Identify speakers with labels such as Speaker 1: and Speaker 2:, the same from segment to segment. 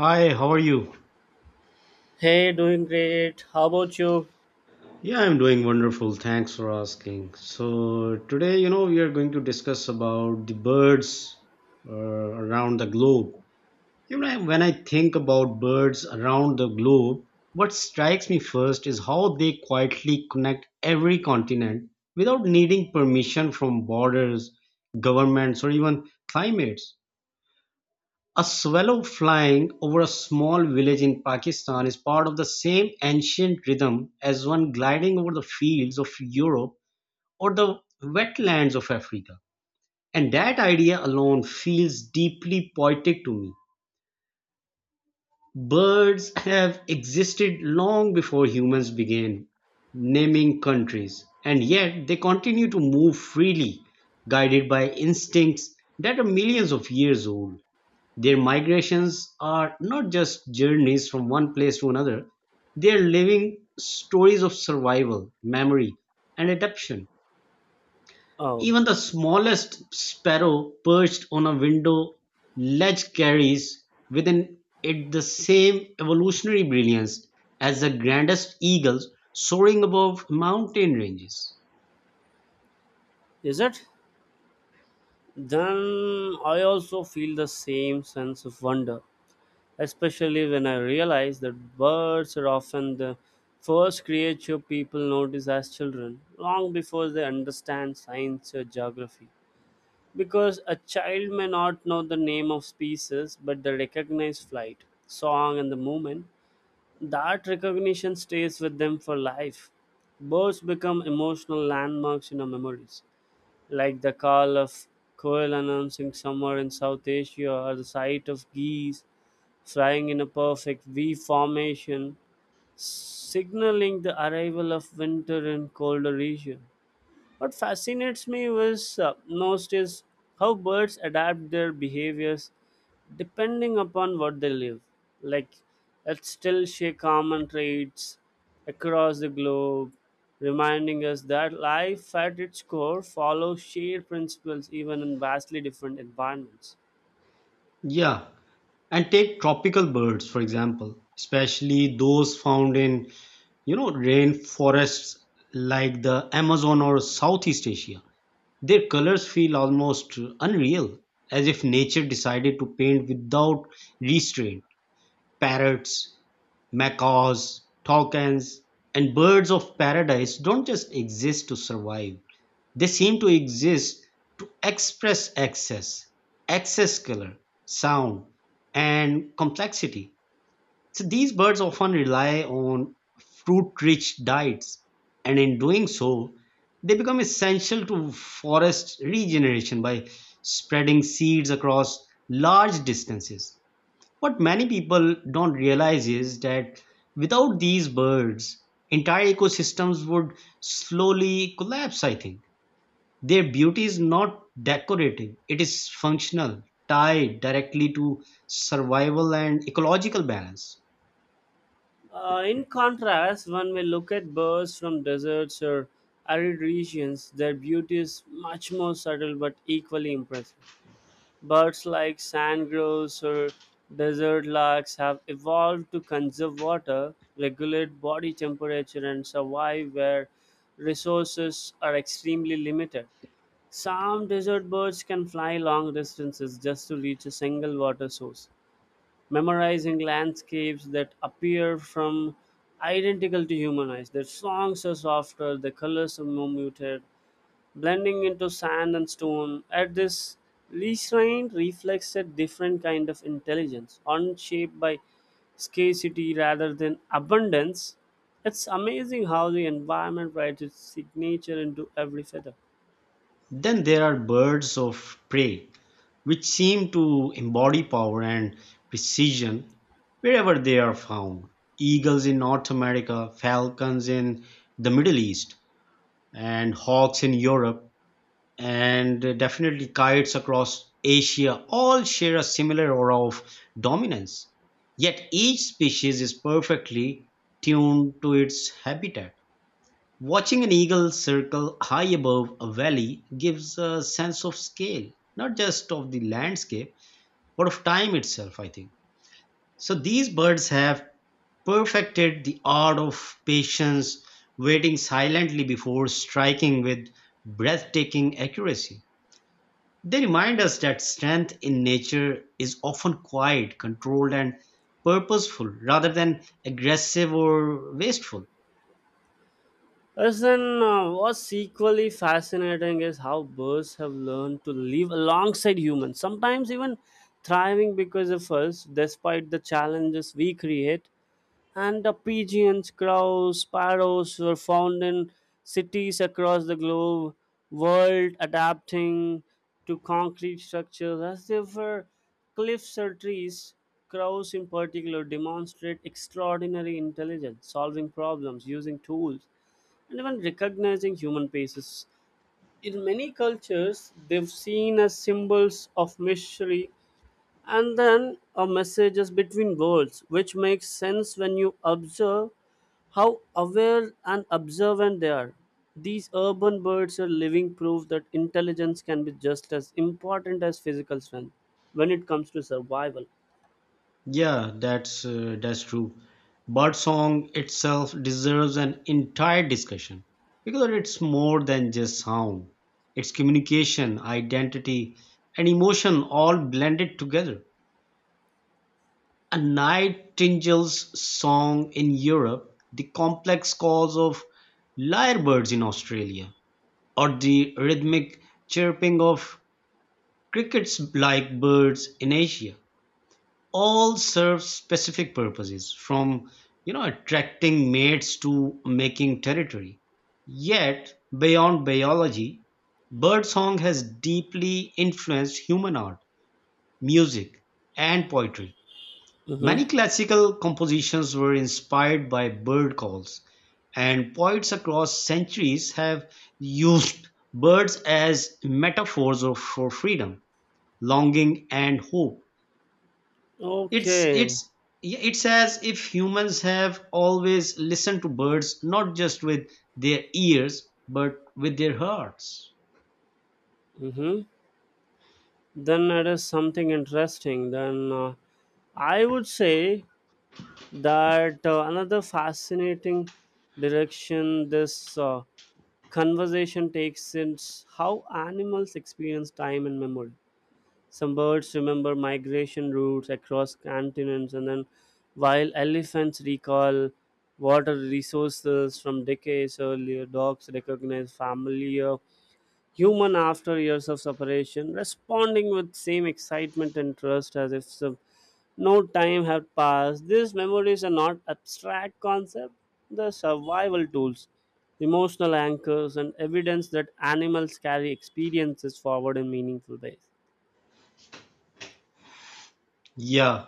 Speaker 1: Hi, how are you?
Speaker 2: Hey, doing great. How about you?
Speaker 1: Yeah, I'm doing wonderful. Thanks for asking. So, today, we are going to discuss about the birds around the globe. You know, when I think about birds around the globe, what strikes me first is how they quietly connect every continent without needing permission from borders, governments, or even climates. A swallow flying over a small village in Pakistan is part of the same ancient rhythm as one gliding over the fields of Europe or the wetlands of Africa. And that idea alone feels deeply poetic to me. Birds have existed long before humans began naming countries, and yet they continue to move freely, guided by instincts that are millions of years old. Their migrations are not just journeys from one place to another, they are living stories of survival, memory, and adaptation.
Speaker 2: Oh,
Speaker 1: Even the smallest sparrow perched on a window ledge carries within it the same evolutionary brilliance as the grandest eagles soaring above mountain ranges.
Speaker 2: is it? Then I also feel the same sense of wonder, especially when I realize that birds are often the first creature people notice as children, long before they understand science or geography. Because a child may not know the name of species, but they recognize flight, song, and the movement. That recognition stays with them for life. Birds become emotional landmarks in our memories, like the call of quail announcing summer in South Asia or the sight of geese flying in a perfect V formation, signaling the arrival of winter in colder regions. What fascinates me was most is how birds adapt their behaviors depending upon what they live. Like, let's still share common traits across the globe, reminding us that life at its core follows shared principles even in vastly different environments.
Speaker 1: Yeah, and take tropical birds, for example, especially those found in, rainforests like the Amazon or Southeast Asia. Their colors feel almost unreal, as if nature decided to paint without restraint. Parrots, macaws, toucans, and birds of paradise don't just exist to survive. They seem to exist to express excess, excess color, sound, and complexity. So these birds often rely on fruit-rich diets, and in doing so, they become essential to forest regeneration by spreading seeds across large distances. What many people don't realize is that without these birds, entire ecosystems would slowly collapse, I think. Their beauty is not decorative, it is functional, tied directly to survival and ecological balance.
Speaker 2: In contrast, when we look at birds from deserts or arid regions, their beauty is much more subtle but equally impressive. Birds like sandgrouse or desert larks have evolved to conserve water, regulate body temperature, and survive where resources are extremely limited. Some desert birds can fly long distances just to reach a single water source, memorizing landscapes that appear from identical to human eyes. Their songs are softer, their colors are more muted, blending into sand and stone. At this, Lichrain reflects a different kind of intelligence, unshaped by scarcity rather than abundance. It's amazing how the environment writes its signature into every feather.
Speaker 1: Then there are birds of prey, which seem to embody power and precision wherever they are found. Eagles in North America, falcons in the Middle East, and hawks in Europe, and definitely kites across Asia all share a similar aura of dominance. Yet each species is perfectly tuned to its habitat. Watching an eagle circle high above a valley gives a sense of scale, not just of the landscape, but of time itself, I think. So these birds have perfected the art of patience, waiting silently before striking with breathtaking accuracy. They remind us that strength in nature is often quiet, controlled, and purposeful rather than aggressive or wasteful.
Speaker 2: Listen, what's equally fascinating is how birds have learned to live alongside humans, sometimes even thriving because of us, despite the challenges we create, and the pigeons, crows, sparrows were found in cities across the globe, world adapting to concrete structures as they were cliffs or trees. Crows, in particular, demonstrate extraordinary intelligence, solving problems, using tools, and even recognizing human faces. In many cultures, they've seen as symbols of mystery and then a message is between worlds, which makes sense when you observe how aware and observant they are. These urban birds are living proof that intelligence can be just as important as physical strength when it comes to survival.
Speaker 1: Yeah, that's true. Birdsong itself deserves an entire discussion because it's more than just sound. It's communication, identity, and emotion all blended together. A nightingale's song in Europe, the complex calls of lyrebirds in Australia, or the rhythmic chirping of crickets like birds in Asia all serve specific purposes from attracting mates to making territory, yet beyond biology birdsong has deeply influenced human art, music, and poetry. Many
Speaker 2: Mm-hmm.
Speaker 1: classical compositions were inspired by bird calls, and poets across centuries have used birds as metaphors of, for freedom, longing, and hope.
Speaker 2: Okay.
Speaker 1: It's Yeah, it's as if humans have always listened to birds not just with their ears but with their hearts.
Speaker 2: Mm-hmm. Then it is something interesting. Then I would say that another fascinating direction this conversation takes is how animals experience time and memory. Some birds remember migration routes across continents, and then while elephants recall water resources from decades earlier, dogs recognize familiar human after years of separation, responding with same excitement and trust as if some, no time had passed. These memories are not abstract concepts; they're survival tools, emotional anchors, and evidence that animals carry experiences forward in meaningful ways.
Speaker 1: Yeah,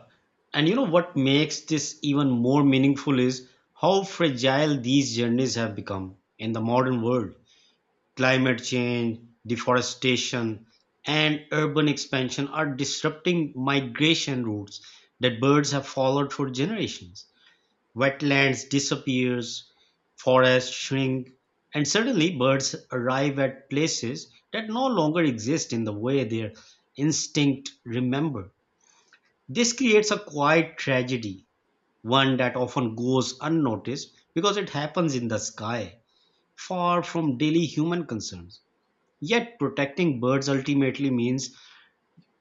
Speaker 1: and you know what makes this even more meaningful is how fragile these journeys have become in the modern world. Climate change, deforestation, and urban expansion are disrupting migration routes that birds have followed for generations. Wetlands disappears, forests shrink, and suddenly birds arrive at places that no longer exist in the way their instinct remember. This creates a quiet tragedy, one that often goes unnoticed because it happens in the sky, far from daily human concerns. Yet protecting birds ultimately means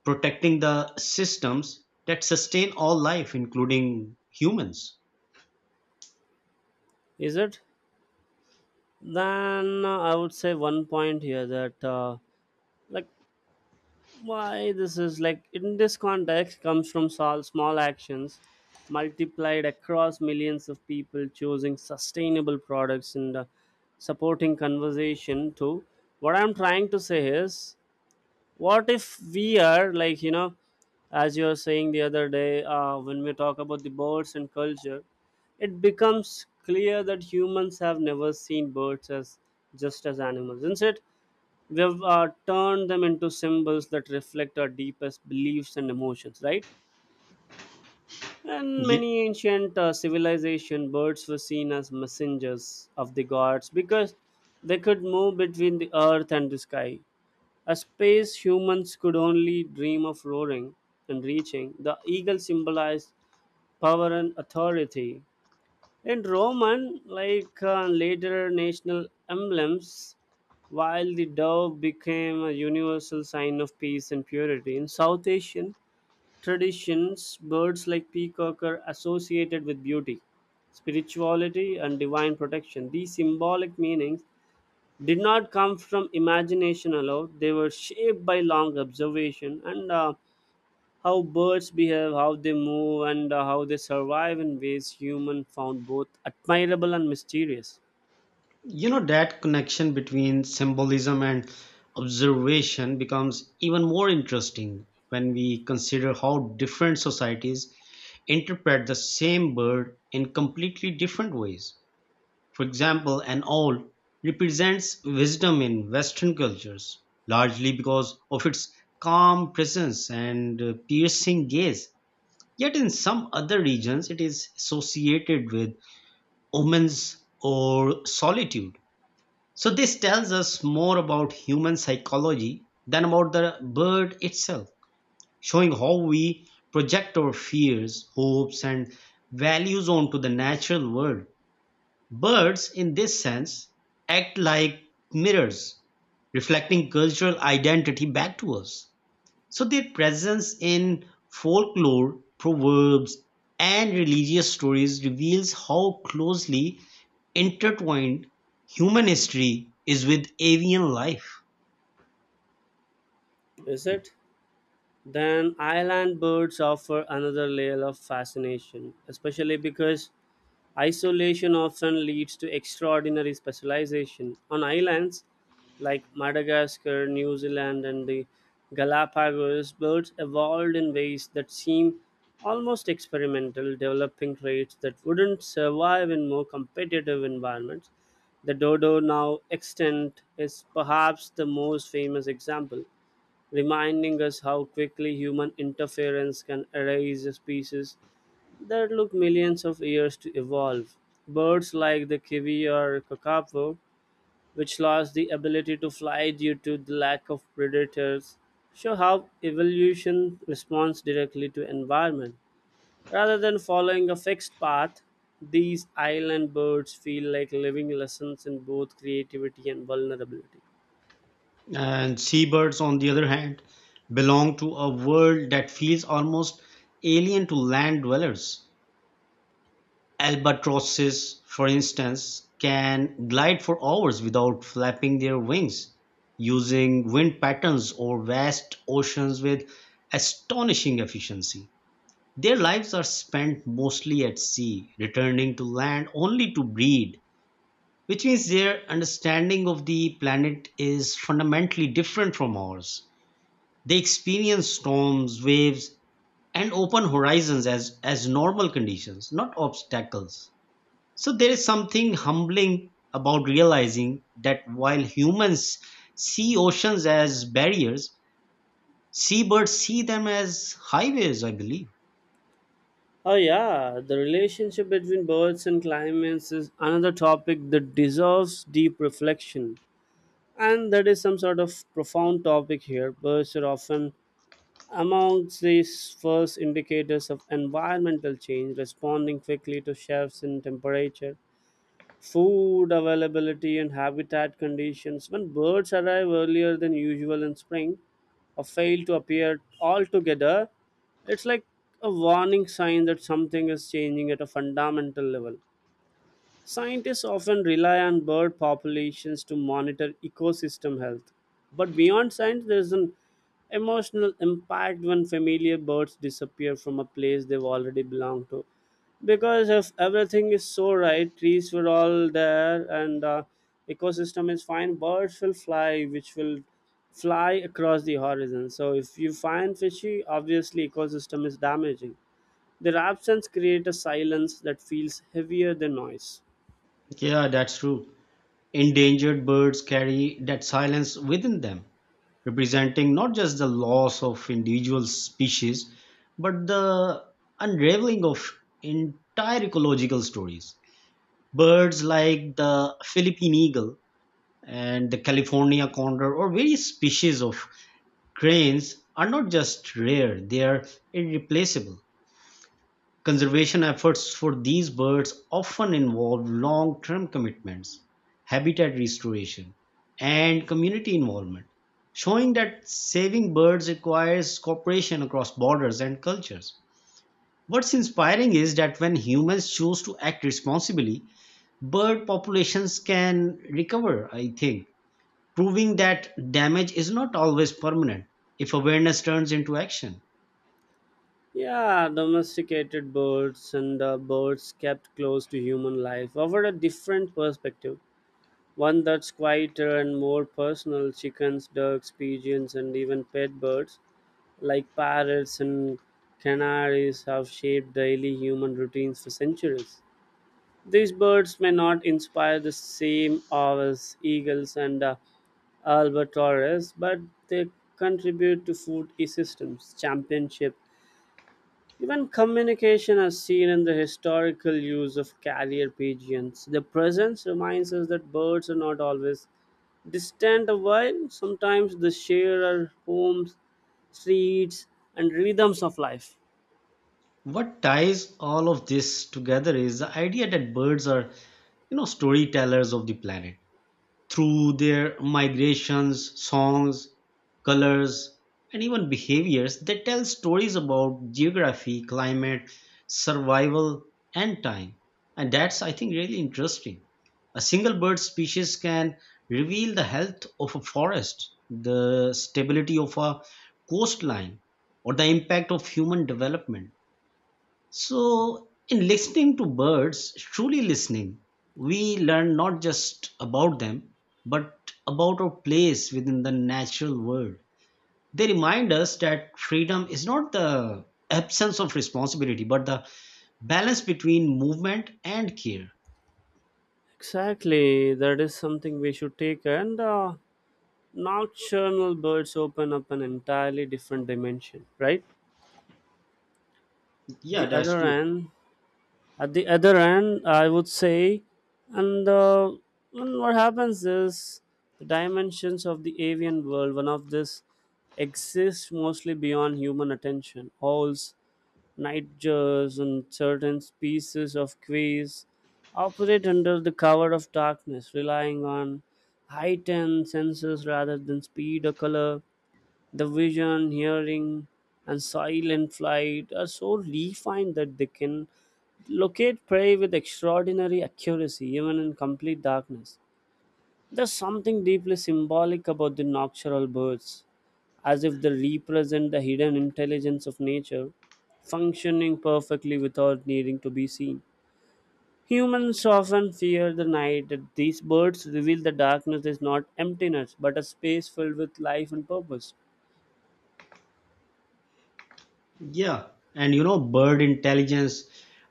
Speaker 1: protecting the systems that sustain all life, including humans.
Speaker 2: Is it? Then I would say one point here that like why this is like in this context comes from small actions multiplied across millions of people choosing sustainable products and supporting conversation too. What I'm trying to say is, what if we are, like, you know, as you were saying the other day, when we talk about the birds and culture, it becomes clear that humans have never seen birds as just as animals. Instead, they've turned them into symbols that reflect our deepest beliefs and emotions, right? And many ancient civilization, birds were seen as messengers of the gods because they could move between the earth and the sky. A space humans could only dream of roaring and reaching, the eagle symbolized power and authority, in Roman, like later national emblems, while the dove became a universal sign of peace and purity. In South Asian traditions, birds like peacock are associated with beauty, spirituality, and divine protection. These symbolic meanings did not come from imagination alone, they were shaped by long observation and how birds behave, how they move, and how they survive in ways human found both admirable and mysterious.
Speaker 1: You know, that connection between symbolism and observation becomes even more interesting when we consider how different societies interpret the same bird in completely different ways. For example, an owl represents wisdom in Western cultures, largely because of its calm presence and piercing gaze. Yet, in some other regions, it is associated with omens or solitude, so this tells us more about human psychology than about the bird itself, showing how we project our fears, hopes, and values onto the natural world. Birds, in this sense, act like mirrors, reflecting cultural identity back to us. So their presence in folklore, proverbs, and religious stories reveals how closely intertwined human history is with avian life.
Speaker 2: Is it? Then island birds offer another layer of fascination, especially because isolation often leads to extraordinary specialization. On islands like Madagascar, New Zealand, and the Galapagos, birds evolved in ways that seem almost experimental, developing traits that wouldn't survive in more competitive environments. The dodo, now extinct, is perhaps the most famous example, reminding us how quickly human interference can erase a species that took millions of years to evolve. Birds like the kiwi or kakapo, which lost the ability to fly due to the lack of predators, show how evolution responds directly to environment. Rather than following a fixed path, these island birds feel like living lessons in both creativity and vulnerability.
Speaker 1: And seabirds, on the other hand, belong to a world that feels almost alien to land dwellers. Albatrosses, for instance, can glide for hours without flapping their wings, using wind patterns or vast oceans with astonishing efficiency. Their lives are spent mostly at sea, returning to land only to breed, which means their understanding of the planet is fundamentally different from ours. They experience storms, waves, and open horizons as normal conditions, not obstacles. So there is something humbling about realizing that while humans see oceans as barriers, seabirds see them as highways, I believe.
Speaker 2: Oh yeah, the relationship between birds and climates is another topic that deserves deep reflection. And that is some sort of profound topic here. Birds are often amongst these first indicators of environmental change, responding quickly to shifts in temperature, food availability, and habitat conditions. When birds arrive earlier than usual in spring or fail to appear altogether, it's like a warning sign that something is changing at a fundamental level. Scientists often rely on bird populations to monitor ecosystem health. But beyond science, there's an emotional impact when familiar birds disappear from a place they've already belonged to. Because if everything is so right, trees were all there and ecosystem is fine, birds will fly, which will fly across the horizon. So if you find fishy, obviously ecosystem is damaging. Their absence creates a silence that feels heavier than noise.
Speaker 1: Yeah, that's true. Endangered birds carry that silence within them, representing not just the loss of individual species, but the unraveling of entire ecological stories. Birds like the Philippine eagle and the California condor, or various species of cranes are not just rare, they are irreplaceable. Conservation efforts for these birds often involve long-term commitments, habitat restoration, and community involvement, showing that saving birds requires cooperation across borders and cultures. What's inspiring is that when humans choose to act responsibly, bird populations can recover, I think, proving that damage is not always permanent if awareness turns into action.
Speaker 2: Yeah, domesticated birds and the birds kept close to human life offered a different perspective, one that's quieter and more personal. Chickens, ducks, pigeons, and even pet birds like parrots and canaries have shaped daily human routines for centuries. These birds may not inspire the same awe as eagles and albatross, but they contribute to food systems, championship, even communication as seen in the historical use of carrier pigeons. Their presence reminds us that birds are not always distant a while sometimes they share our homes, streets, and rhythms of life.
Speaker 1: What ties all of this together is the idea that birds are, you know, storytellers of the planet. Through their migrations, songs, colors, and even behaviors, they tell stories about geography, climate, survival, and time. And that's, I think, really interesting. A single bird species can reveal the health of a forest, the stability of a coastline, or the impact of human development. So, in listening to birds, truly listening, we learn not just about them, but about our place within the natural world. They remind us that freedom is not the absence of responsibility, but the balance between movement and care.
Speaker 2: Exactly, that is something we should take, and nocturnal birds open up an entirely different dimension, right?
Speaker 1: Yeah,
Speaker 2: The
Speaker 1: that's
Speaker 2: other
Speaker 1: true.
Speaker 2: end, at the other end I would say, and uh, and what happens is the dimensions of the avian world, one of this exists mostly beyond human attention. Owls, nightjars, and certain species of quails operate under the cover of darkness, relying on heightened senses rather than speed or color. The vision, hearing, and silent flight are so refined that they can locate prey with extraordinary accuracy, even in complete darkness. There's something deeply symbolic about the nocturnal birds, as if they represent the hidden intelligence of nature, functioning perfectly without needing to be seen. Humans often fear the night that these birds reveal the darkness is not emptiness but a space filled with life and purpose.
Speaker 1: Yeah. And you know, bird intelligence,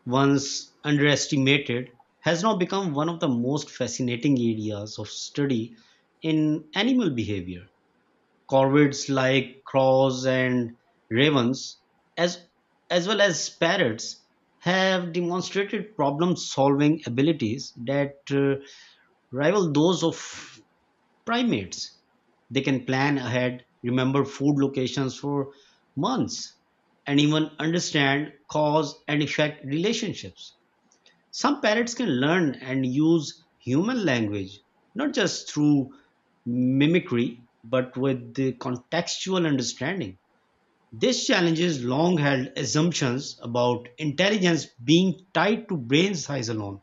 Speaker 1: once underestimated, has now become one of the most fascinating areas of study in animal behavior. Corvids like crows and ravens, as, as well as parrots, have demonstrated problem-solving abilities that rival those of primates. They can plan ahead, remember food locations for months, and even understand cause and effect relationships. Some parrots can learn and use human language, not just through mimicry, but with the contextual understanding. This challenges long held assumptions about intelligence being tied to brain size alone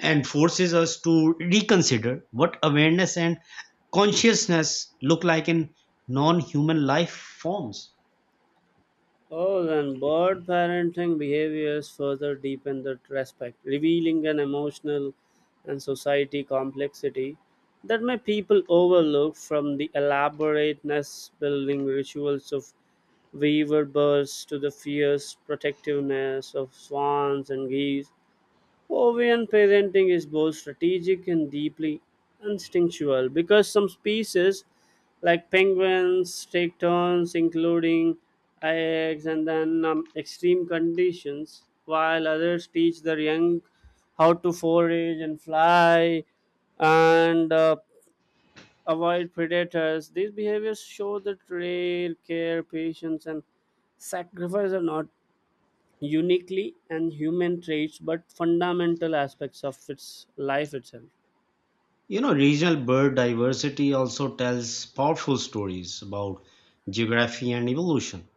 Speaker 1: and forces us to reconsider what awareness and consciousness look like in non human life forms.
Speaker 2: Oh, then bird parenting behaviors further deepen the respect, revealing an emotional and society complexity that may people overlook from the elaborate nest building rituals of weaver birds to the fierce protectiveness of swans and geese. Ovian parenting is both strategic and deeply instinctual because some species, like penguins, take turns, including eggs and then extreme conditions, while others teach their young how to forage and fly and avoid predators. These behaviors show that rare care, patience, and sacrifice are not uniquely and human traits but fundamental aspects of its life itself.
Speaker 1: You know, regional bird diversity also tells powerful stories about geography and evolution.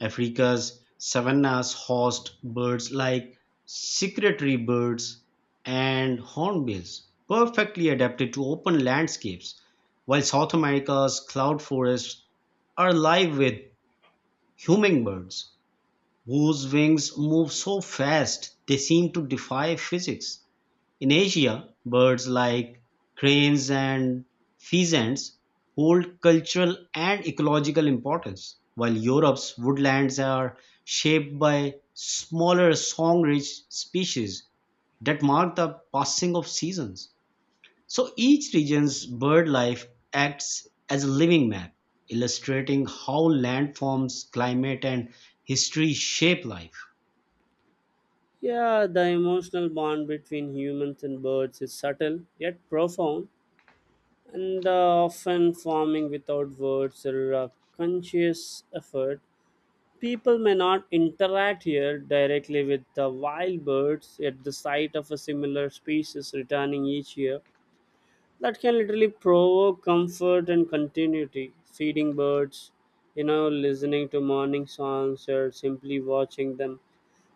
Speaker 1: Africa's savannas host birds like secretary birds and hornbills, perfectly adapted to open landscapes, while South America's cloud forests are alive with hummingbirds whose wings move so fast they seem to defy physics. In Asia, birds like cranes and pheasants hold cultural and ecological importance, while Europe's woodlands are shaped by smaller song-rich species that mark the passing of seasons. So each region's bird life acts as a living map, illustrating how landforms, climate, and history shape life.
Speaker 2: Yeah, the emotional bond between humans and birds is subtle yet profound, and often forming without words or conscious effort. People may not interact here directly with the wild birds, yet the sight of a similar species returning each year that can literally provoke comfort and continuity. Feeding birds, you know, listening to morning songs, or simply watching them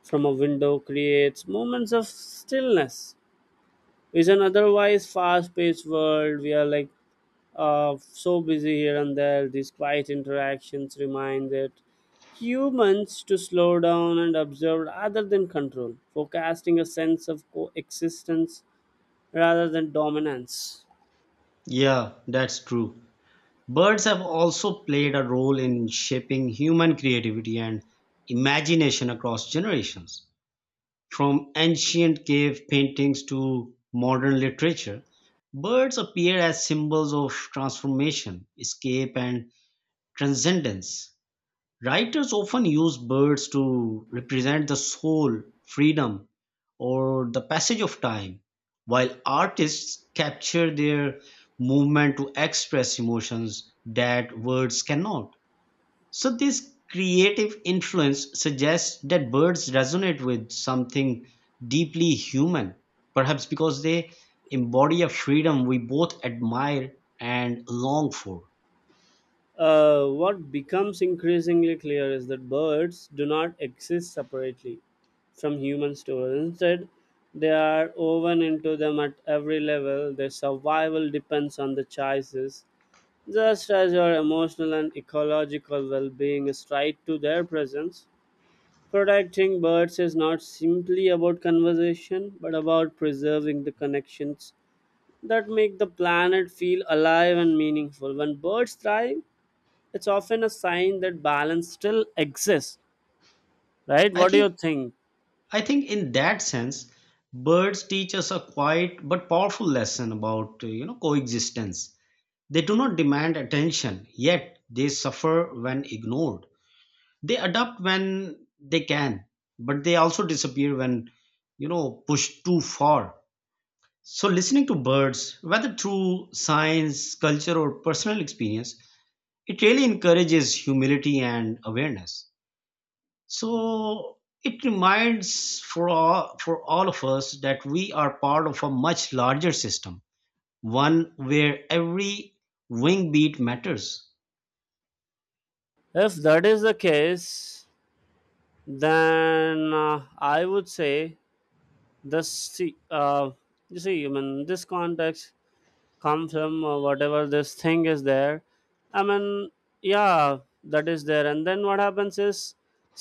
Speaker 2: from a window creates moments of stillness. Is an otherwise fast-paced world. We are like so busy here and there. These quiet interactions remind that humans to slow down and observe rather than control, forecasting a sense of coexistence rather than dominance.
Speaker 1: Yeah, that's true. Birds have also played a role in shaping human creativity and imagination across generations. From ancient cave paintings to modern literature, birds appear as symbols of transformation, escape, and transcendence. Writers often use birds to represent the soul, freedom, or the passage of time, while artists capture their movement to express emotions that words cannot. So, this creative influence suggests that birds resonate with something deeply human, perhaps because they embody a freedom we both admire and long for.
Speaker 2: What becomes increasingly clear is that birds do not exist separately from human stories. Instead, they are woven into them at every level. Their survival depends on the choices, just as our emotional and ecological well being is tied to their presence. Protecting birds is not simply about conservation, but about preserving the connections that make the planet feel alive and meaningful. When birds thrive, it's often a sign that balance still exists. Right,
Speaker 1: I
Speaker 2: what do you
Speaker 1: think
Speaker 2: think?
Speaker 1: I think in that sense, birds teach us a quiet but powerful lesson about you know, coexistence. They do not demand attention, yet they suffer when ignored. They adapt when they can, but they also disappear when, you know, pushed too far. So listening to birds, whether through science, culture, or personal experience, it really encourages humility and awareness. So it reminds for all of us that we are part of a much larger system, one where every wing beat matters.
Speaker 2: If that is the case, then I would say this, see, you see I mean this context comes from whatever this thing is there, I mean, yeah that is there, and then what happens is,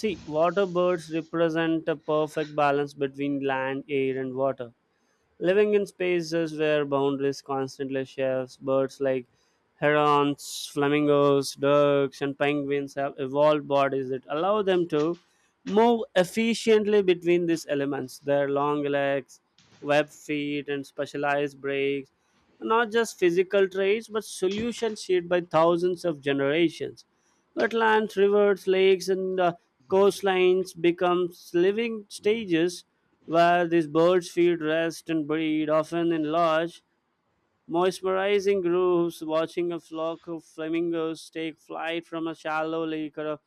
Speaker 2: see, water birds represent a perfect balance between land air and water. Living in spaces where boundaries constantly shifts, birds like herons, flamingos, ducks, and penguins have evolved bodies that allow them to move efficiently between these elements. Their long legs, webbed feet, and specialized brakes are not just physical traits but solutions shaped by thousands of generations. Wetlands, rivers, lakes, and coastlines become living stages where these birds feed, rest, and breed, often in large, mesmerizing groups. Watching a flock of flamingos take flight from a shallow lake or a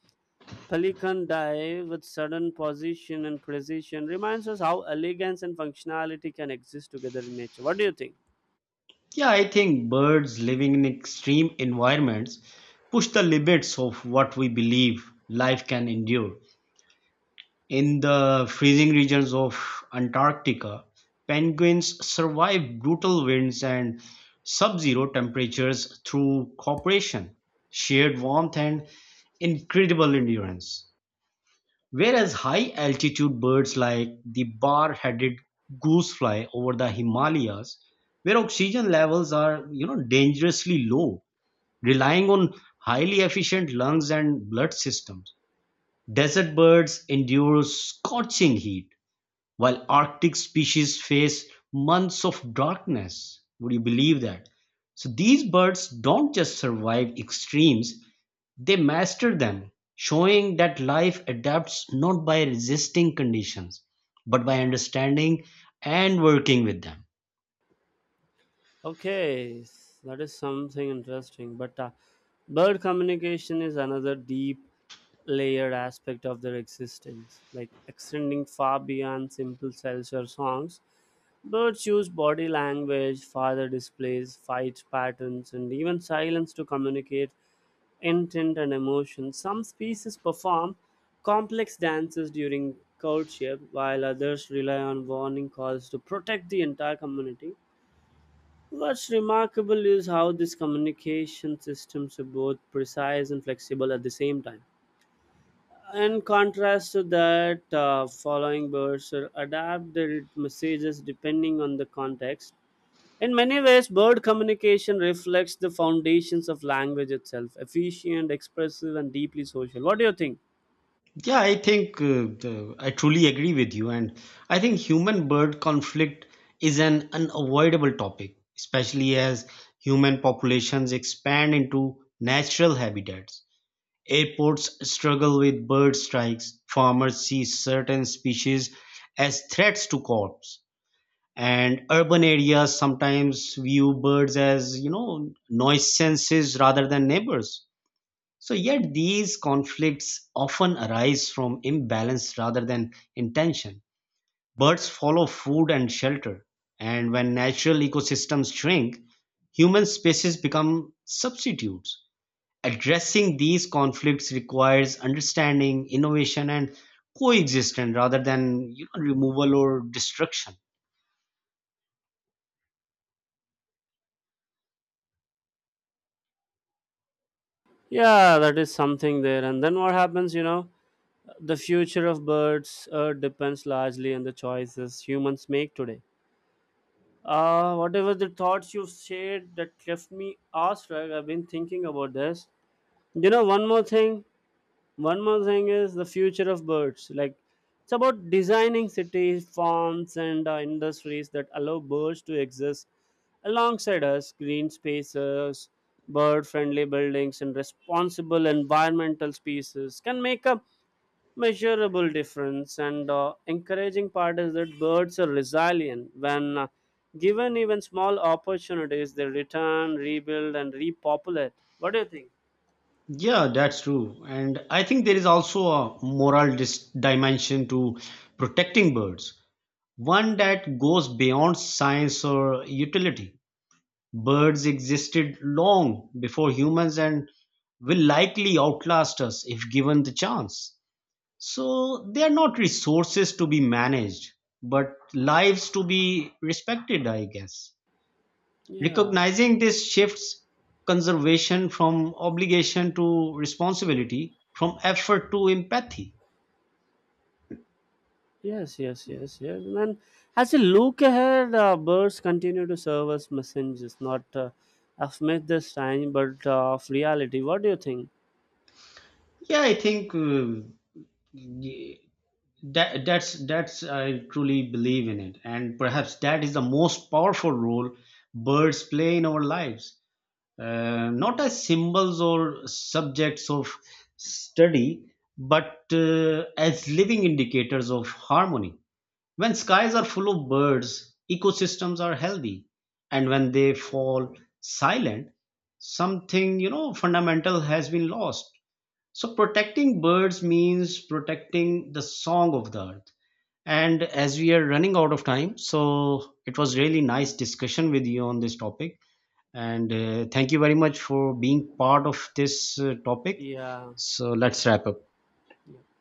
Speaker 2: pelican dive with sudden position and precision reminds us how elegance and functionality can exist together in nature. What do you think?
Speaker 1: Yeah, I think birds living in extreme environments push the limits of what we believe life can endure. In the freezing regions of Antarctica, penguins survive brutal winds and sub-zero temperatures through cooperation, shared warmth, and incredible endurance. Whereas high altitude birds like the bar headed goosefly over the Himalayas, where oxygen levels are, you know, dangerously low, relying on highly efficient lungs and blood systems. Desert birds endure scorching heat while Arctic species face months of darkness. Would you believe that? So these birds don't just survive extremes, they master them, showing that life adapts not by resisting conditions, but by understanding and working with them.
Speaker 2: Okay, that is something interesting. But bird communication is another deep layered aspect of their existence, like extending far beyond simple cells or songs. Birds use body language, father displays, fight patterns, and even silence to communicate intent and emotion. Some species perform complex dances during courtship, while others rely on warning calls to protect the entire community. What's remarkable is how these communication systems are both precise and flexible at the same time. In contrast to that, following birds adapt their messages depending on the context. In many ways, bird communication reflects the foundations of language itself efficient, expressive, and deeply social. What do you think?
Speaker 1: Yeah, I think I truly agree with you. And I think human bird conflict is an unavoidable topic, especially as human populations expand into natural habitats. Airports struggle with bird strikes, farmers see certain species as threats to crops, and urban areas sometimes view birds as, you know, nuisances rather than neighbors, so, yet these conflicts often arise from imbalance rather than intention. Birds follow food and shelter, and when natural ecosystems shrink, human species become substitutes. Addressing these conflicts requires understanding, innovation, and coexistence rather than, you know, removal or destruction.
Speaker 2: Yeah, that is something there. And then what happens, you know, the future of birds depends largely on the choices humans make today. Whatever the thoughts you've shared that left me awestruck, I've been thinking about this. You know, one more thing is the future of birds. Like, it's about designing cities, farms, and industries that allow birds to exist alongside us, green spaces, bird friendly buildings, and responsible environmental species can make a measurable difference, and encouraging part is that birds are resilient when given even small opportunities they return rebuild and repopulate. What do you think?
Speaker 1: Yeah, that's true. And I think there is also a moral dimension to protecting birds, one that goes beyond science or utility. Birds existed long before humans and will likely outlast us if given the chance. So they are not resources to be managed, but lives to be respected, I guess.
Speaker 2: Yeah,
Speaker 1: Recognizing this shifts conservation from obligation to responsibility, from effort to empathy.
Speaker 2: yes, yes, yes, yes, and then as you look ahead, birds continue to serve as messengers not of myth this time but of reality. What do you think?
Speaker 1: Yeah, I think that's I truly believe in it, and perhaps that is the most powerful role birds play in our lives, not as symbols or subjects of study but as living indicators of harmony. When skies are full of birds, ecosystems are healthy, and when they fall silent, something, you know, fundamental has been lost. So protecting birds means protecting the song of the earth, and as we are running out of time, so it was really nice discussion with you on this topic. And thank you very much for being part of this topic.
Speaker 2: Yeah,
Speaker 1: So let's wrap up.
Speaker 2: yeah.